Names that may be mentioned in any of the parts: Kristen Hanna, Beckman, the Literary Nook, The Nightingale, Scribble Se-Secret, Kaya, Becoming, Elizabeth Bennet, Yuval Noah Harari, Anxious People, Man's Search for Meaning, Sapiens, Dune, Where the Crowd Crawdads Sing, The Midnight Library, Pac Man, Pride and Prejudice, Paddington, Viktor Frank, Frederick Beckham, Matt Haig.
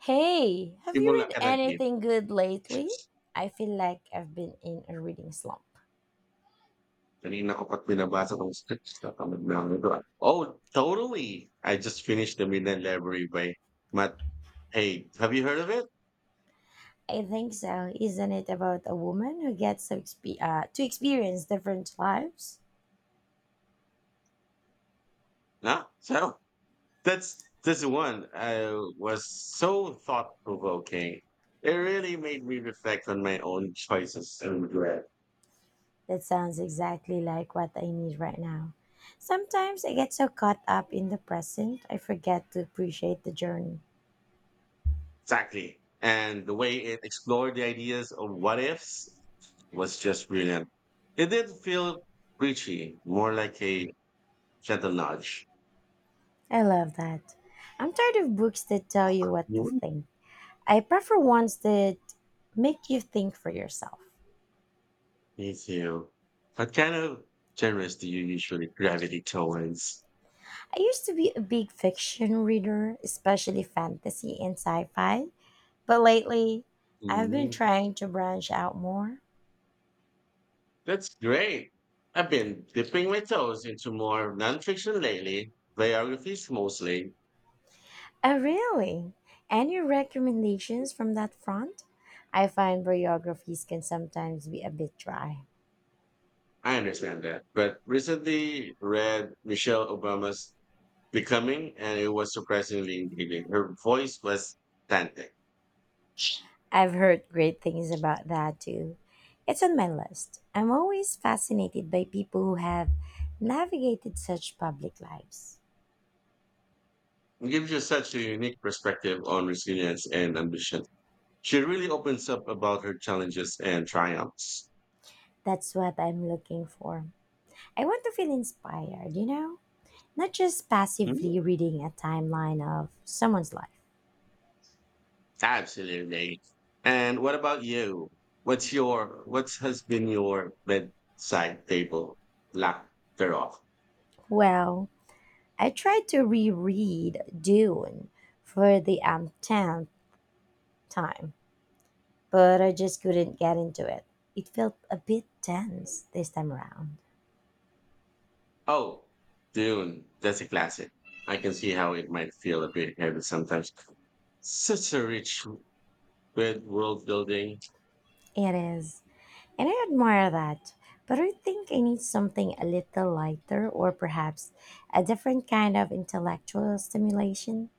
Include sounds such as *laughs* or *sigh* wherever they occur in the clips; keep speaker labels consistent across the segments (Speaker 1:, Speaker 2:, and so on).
Speaker 1: Hey, have you
Speaker 2: Simula
Speaker 1: read
Speaker 2: ka nag-game.
Speaker 1: anything good lately? I feel like I've been in a reading slump.
Speaker 2: Kanina ko pa't binabasa tong scripts natamad na ako nito, ah. Oh, totally. I just finished The Midnight Library by Matt Haig. Have you heard of it?
Speaker 1: I think so. Isn't it about a woman who gets to, to experience different lives?
Speaker 2: No? So, that's this one was so thought provoking. It really made me reflect on my own choices and regret.
Speaker 1: That sounds exactly like what I need right now. Sometimes I get so caught up in the present, I forget to appreciate the journey.
Speaker 2: Exactly. And the way it explored the ideas of what ifs was just brilliant. It didn't feel preachy, more like a gentle nudge.
Speaker 1: I love that. I'm tired of books that tell you what to
Speaker 2: Mm.
Speaker 1: think. I prefer ones that make you think for yourself.
Speaker 2: Me too. What kind of genres do you usually gravitate towards?
Speaker 1: I used to be a big fiction reader, especially fantasy and sci fi, but lately I've been
Speaker 2: Mm,
Speaker 1: trying to branch out more.
Speaker 2: that's great. I've been dipping my toes into more nonfiction lately, biographies mostly.
Speaker 1: Oh, really? Any recommendations from that front? I find biographies can sometimes be a bit dry.
Speaker 2: I understand that. But recently read Michelle Obama's Becoming, and it was surprisingly engaging. Her voice was authentic.
Speaker 1: I've heard great things about that too. It's on my list. I'm always fascinated by people who have navigated such public lives.
Speaker 2: It gives you such a unique perspective on resilience and ambition. She really opens up about her challenges and triumphs.
Speaker 1: That's what I'm looking for. I want to feel inspired, you know? Not just passively reading a timeline of someone's life.
Speaker 2: Absolutely. And what about you? What has been your bedside table laughter off?
Speaker 1: Well, I tried to reread Dune for the 10th time, but I just couldn't get into it. It felt a bit tense this time around.
Speaker 2: Oh, Dune. That's a classic. I can see how it might feel a bit heavy sometimes. Such a rich with world building.
Speaker 1: It is. And I admire that. But I think I need something a little lighter or perhaps a different kind of intellectual stimulation.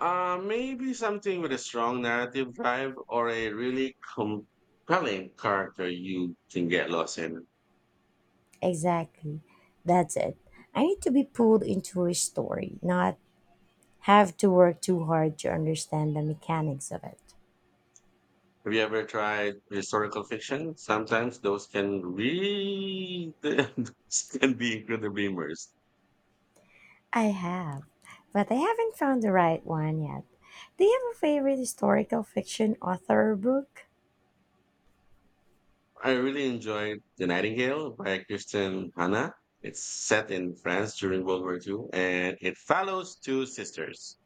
Speaker 2: Maybe something with a strong narrative drive or a really compelling character you can get lost in.
Speaker 1: Exactly. That's it. I need to be pulled into a story, not have to work too hard to understand the mechanics of it.
Speaker 2: Have you ever tried historical fiction? Sometimes those can read *laughs* those can be incredibly immersed.
Speaker 1: I have, but I haven't found the right one yet. Do you have a favorite historical fiction author or book?
Speaker 2: I really enjoyed The Nightingale by Kristen Hanna. It's set in France during World War II, and it follows two sisters.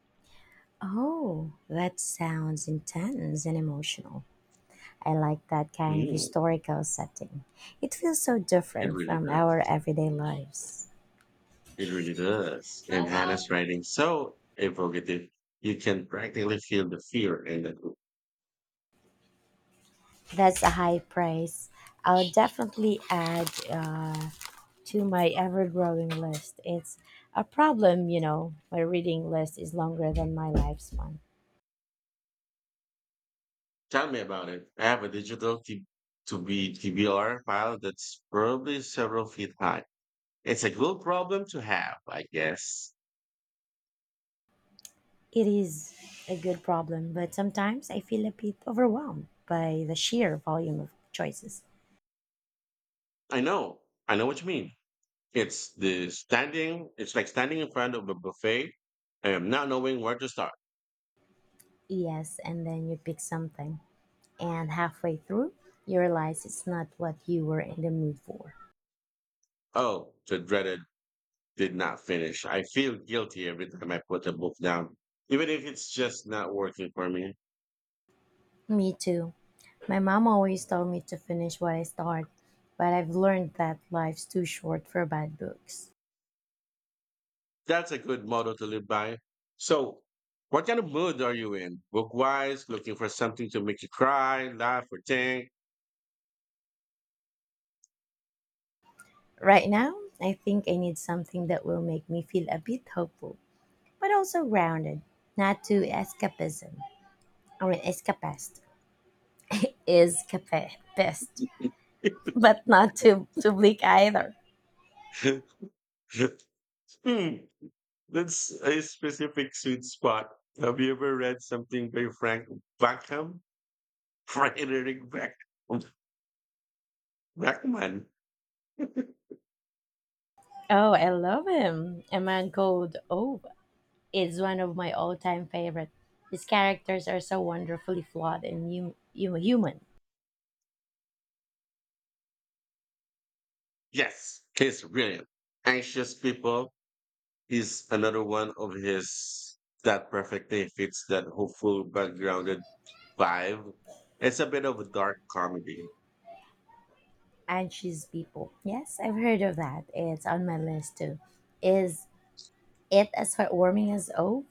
Speaker 1: Oh, that sounds intense and emotional. I like that kind of
Speaker 2: Mm,
Speaker 1: historical setting. It feels so
Speaker 2: it
Speaker 1: different
Speaker 2: really
Speaker 1: from our
Speaker 2: does.
Speaker 1: everyday lives.
Speaker 2: It really does. And Hannah's writing so evocative. You can practically feel the fear and the
Speaker 1: That's a high praise. I'll definitely add to my ever growing list. It's a problem, you know, my reading list is longer than my lifespan.
Speaker 2: Tell me about it. I have a digital to be TBR file that's probably several feet high. It's a good problem to have, I guess.
Speaker 1: It is a good problem, but sometimes I feel a bit overwhelmed by the sheer volume of choices.
Speaker 2: I know. I know what you mean. It's like standing in front of a buffet and not knowing where to start.
Speaker 1: Yes, and then you pick something, and halfway through, you realize it's not what you were in the mood for.
Speaker 2: Oh, the dreaded did not finish. I feel guilty every time I put the book down, even if it's just not working for me.
Speaker 1: Me too. My mom always told me to finish what I start, but I've learned that life's too short for bad books.
Speaker 2: That's a good motto to live by. So, what kind of mood are you in? Book wise, looking for something to make you cry, laugh, or think?
Speaker 1: Right now, I think I need something that will make me feel a bit hopeful, but also grounded, not too escapism or escapist. *laughs* escapist,
Speaker 2: *laughs*
Speaker 1: but not too, too bleak either.
Speaker 2: hmm, that's a specific sweet spot. Have you ever read something by Frank Beckham? *laughs* Frederick Beckham. Beckman. *laughs*
Speaker 1: Oh, I love him. A Man Called Oh, is one of my all-time favorite. His characters are so wonderfully flawed and human.
Speaker 2: Yes, he's brilliant. Anxious people is another one of his that perfectly fits that hopeful but grounded vibe. It's a bit of a dark comedy.
Speaker 1: And she's people. Yes, I've heard of that. It's on my list too. Is it as heartwarming as Oh?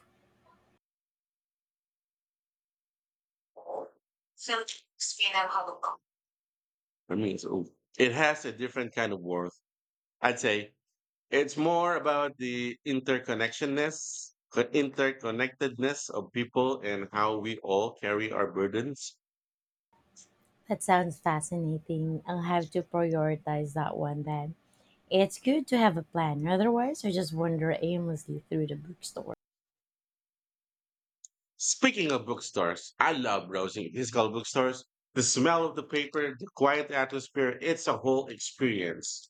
Speaker 2: I mean, it has a different kind of worth. I'd say it's more about the interconnectedness of people and how we all carry our burdens.
Speaker 1: That sounds fascinating. I'll have to prioritize that one then. It's good to have a plan. Otherwise, I just wander aimlessly through the bookstore.
Speaker 2: Speaking of bookstores, I love browsing physical bookstores. The smell of the paper, the quiet atmosphere, it's a whole experience.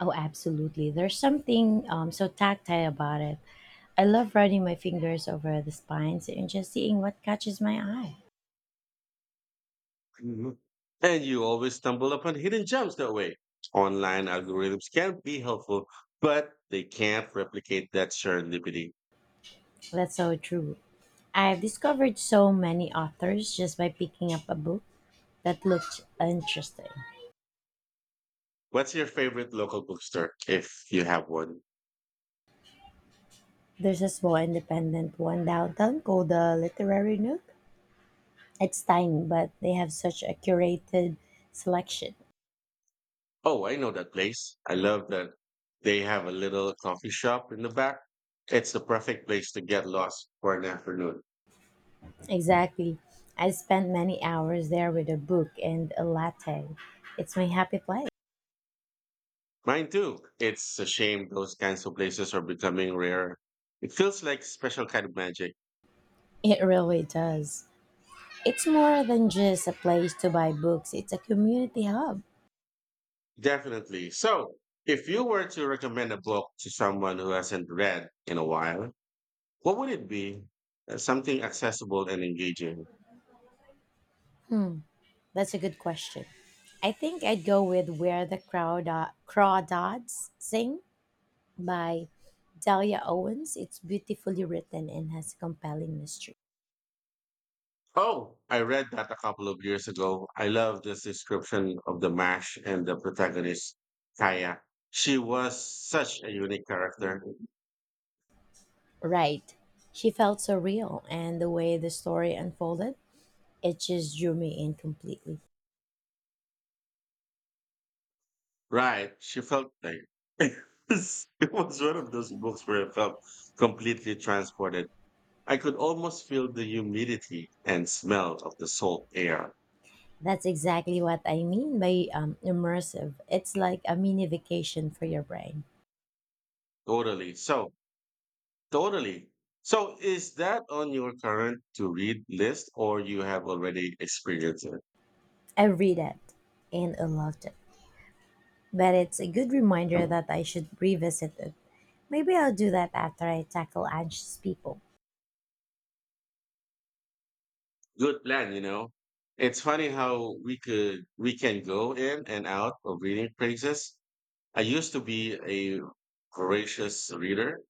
Speaker 1: Oh, absolutely. There's something so tactile about it. I love running my fingers over the spines and just seeing what catches my eye.
Speaker 2: Mhm. And you always stumble upon hidden gems that way. Online algorithms can be helpful, but they can't replicate that serendipity.
Speaker 1: That's so true. I've discovered so many authors just by picking up a book that looked interesting.
Speaker 2: What's your favorite local bookstore, if you have one?
Speaker 1: There's a small independent one downtown called the Literary Nook. It's tiny, but they have such a curated selection.
Speaker 2: Oh, I know that place. I love that they have a little coffee shop in the back. It's the perfect place to get lost for an afternoon.
Speaker 1: Exactly. I spend many hours there with a book and a latte. It's my happy place.
Speaker 2: Mine too. It's a shame those kinds of places are becoming rare. It feels like special kind of magic.
Speaker 1: It really does. It's more than just a place to buy books, it's a community hub.
Speaker 2: Definitely. So, if you were to recommend a book to someone who hasn't read in a while, what would it be? Something accessible and engaging.
Speaker 1: That's a good question. I think I'd go with Where the Crowd Crawdads Sing by Delia Owens. It's beautifully written and has a compelling mystery.
Speaker 2: Oh, I read that a couple of years ago. I love this description of the MASH and the protagonist, Kaya. She was such a unique character.
Speaker 1: Right. She felt so real, and the way the story unfolded, it just drew me in completely.
Speaker 2: Right. She felt like *laughs* it it was one of those books where I felt completely transported. I could almost feel the humidity and smell of the salt air
Speaker 1: That's exactly what I mean by immersive. It's like a mini vacation for your brain.
Speaker 2: Totally. Totally. So, is that on your current to read list or you have already experienced it?
Speaker 1: I read it and I loved it. But it's a good reminder that I should revisit it. Maybe I'll do that after I tackle Anxious People.
Speaker 2: Good plan. It's funny how we can go in and out of reading phrases. I used to be a voracious reader,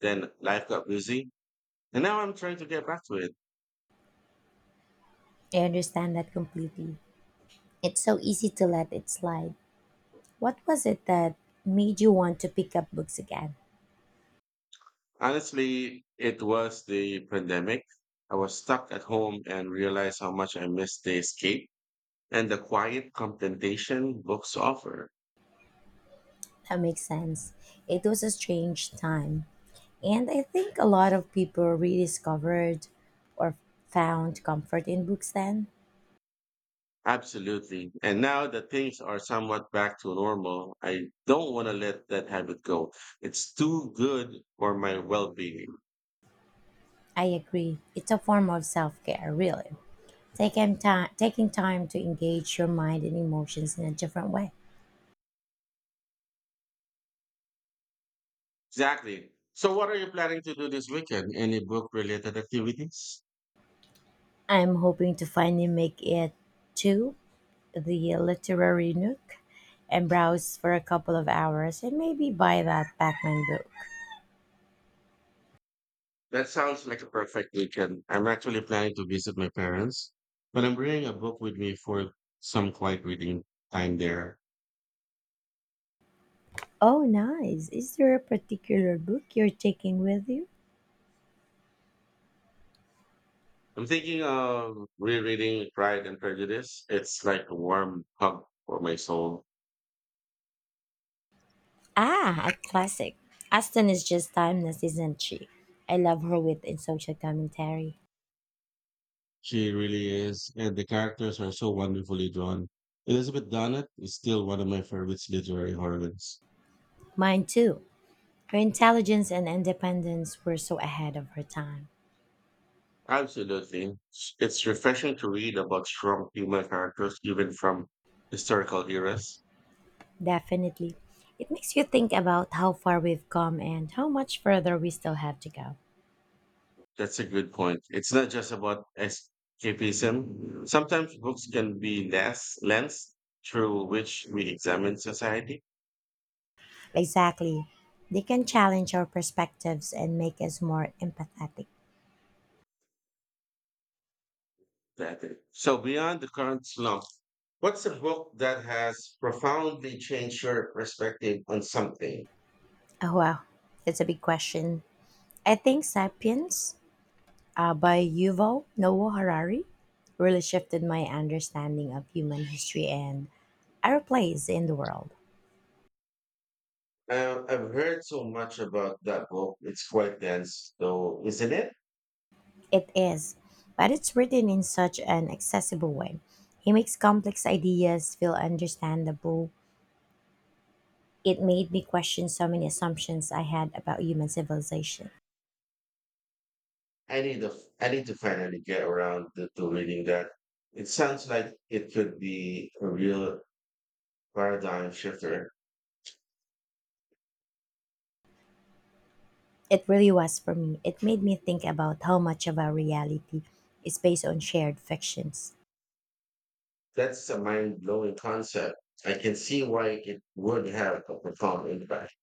Speaker 2: then life got busy, and now I'm trying to get back to it.
Speaker 1: I understand that completely. It's so easy to let it slide. What was it that made you want to pick up books again?
Speaker 2: Honestly, it was the pandemic. I was stuck at home and realized how much I missed the escape and the quiet contemplation books offer.
Speaker 1: That makes sense. It was a strange time. And I think a lot of people rediscovered or found comfort in books then.
Speaker 2: Absolutely. And now that things are somewhat back to normal, I don't want to let that habit go. It's too good for my well being.
Speaker 1: I agree. It's a form of self care, really. Taking time to engage your mind and emotions in a different way.
Speaker 2: Exactly. So, what are you planning to do this weekend? Any book related activities?
Speaker 1: I'm hoping to finally make it to the Literary Nook and browse for a couple of hours and maybe buy that Pac Man book.
Speaker 2: That sounds like a perfect weekend. I'm actually planning to visit my parents, but I'm bringing a book with me for some quiet reading time there.
Speaker 1: Oh, nice. Is there a particular book you're taking with you?
Speaker 2: I'm thinking of rereading Pride and Prejudice. It's like a warm hug for my soul.
Speaker 1: Ah, a classic. Aston is just timeless, isn't she? I love her wit and social commentary.
Speaker 2: She really is, and the characters are so wonderfully drawn. Elizabeth Bennet is still one of my favorite literary heroines.
Speaker 1: Mine too. Her intelligence and independence were so ahead of her time.
Speaker 2: Absolutely. It's refreshing to read about strong female characters, even from historical eras.
Speaker 1: Definitely. It makes you think about how far we've come and how much further we still have to go.
Speaker 2: That's a good point. It's not just about escapism. Sometimes books can be less lens through which we examine society.
Speaker 1: Exactly. They can challenge our perspectives and make us more empathetic.
Speaker 2: Exactly. So beyond the current slump, what's a book that has profoundly changed your perspective on something?
Speaker 1: Oh, wow. That's a big question. I think Sapiens by Yuval Noah Harari really shifted my understanding of human history and our place in the world.
Speaker 2: I've heard so much about that book. It's quite dense, though, isn't it?
Speaker 1: It is, but it's written in such an accessible way. He makes complex ideas feel understandable. It made me question so many assumptions I had about human civilization.
Speaker 2: I need to I need to finally get around to reading that. It sounds like it could be a real paradigm shifter.
Speaker 1: It really was for me. It made me think about how much of our reality is based on shared fictions.
Speaker 2: That's a mind blowing concept. I can see why it would have a profound impact.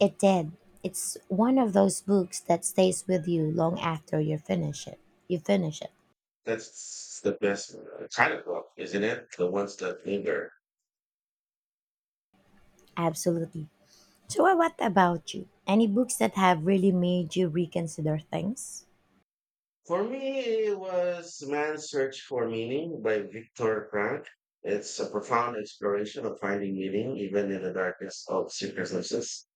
Speaker 1: It did. It's one of those books that stays with you long after you finish it.
Speaker 2: That's the best kind of book, isn't it? The ones that linger.
Speaker 1: Absolutely. So what about you? Any books that have really made you reconsider things?
Speaker 2: For me, it was Man's Search for Meaning by Viktor Frank. It's a profound exploration of finding meaning, even in the darkness of circumstances.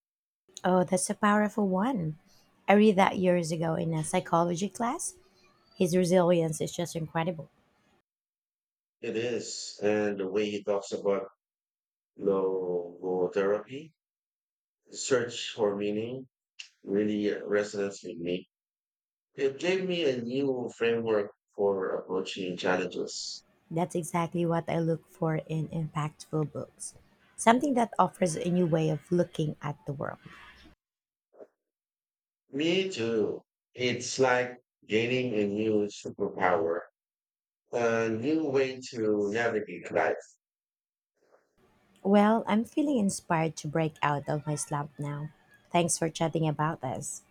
Speaker 1: Oh, that's a powerful one. I read that years ago in a psychology class. His resilience is just incredible.
Speaker 2: It is, and the way he talks about logotherapy, search for meaning, really resonates with me. It gave me a new framework for approaching challenges.
Speaker 1: That's exactly what I look for in impactful books. Something that offers a new way of looking at the world.
Speaker 2: Me too. It's like gaining a new superpower, a new way to navigate life.
Speaker 1: Well, I'm feeling inspired to break out of my slump now. Thanks for chatting about this.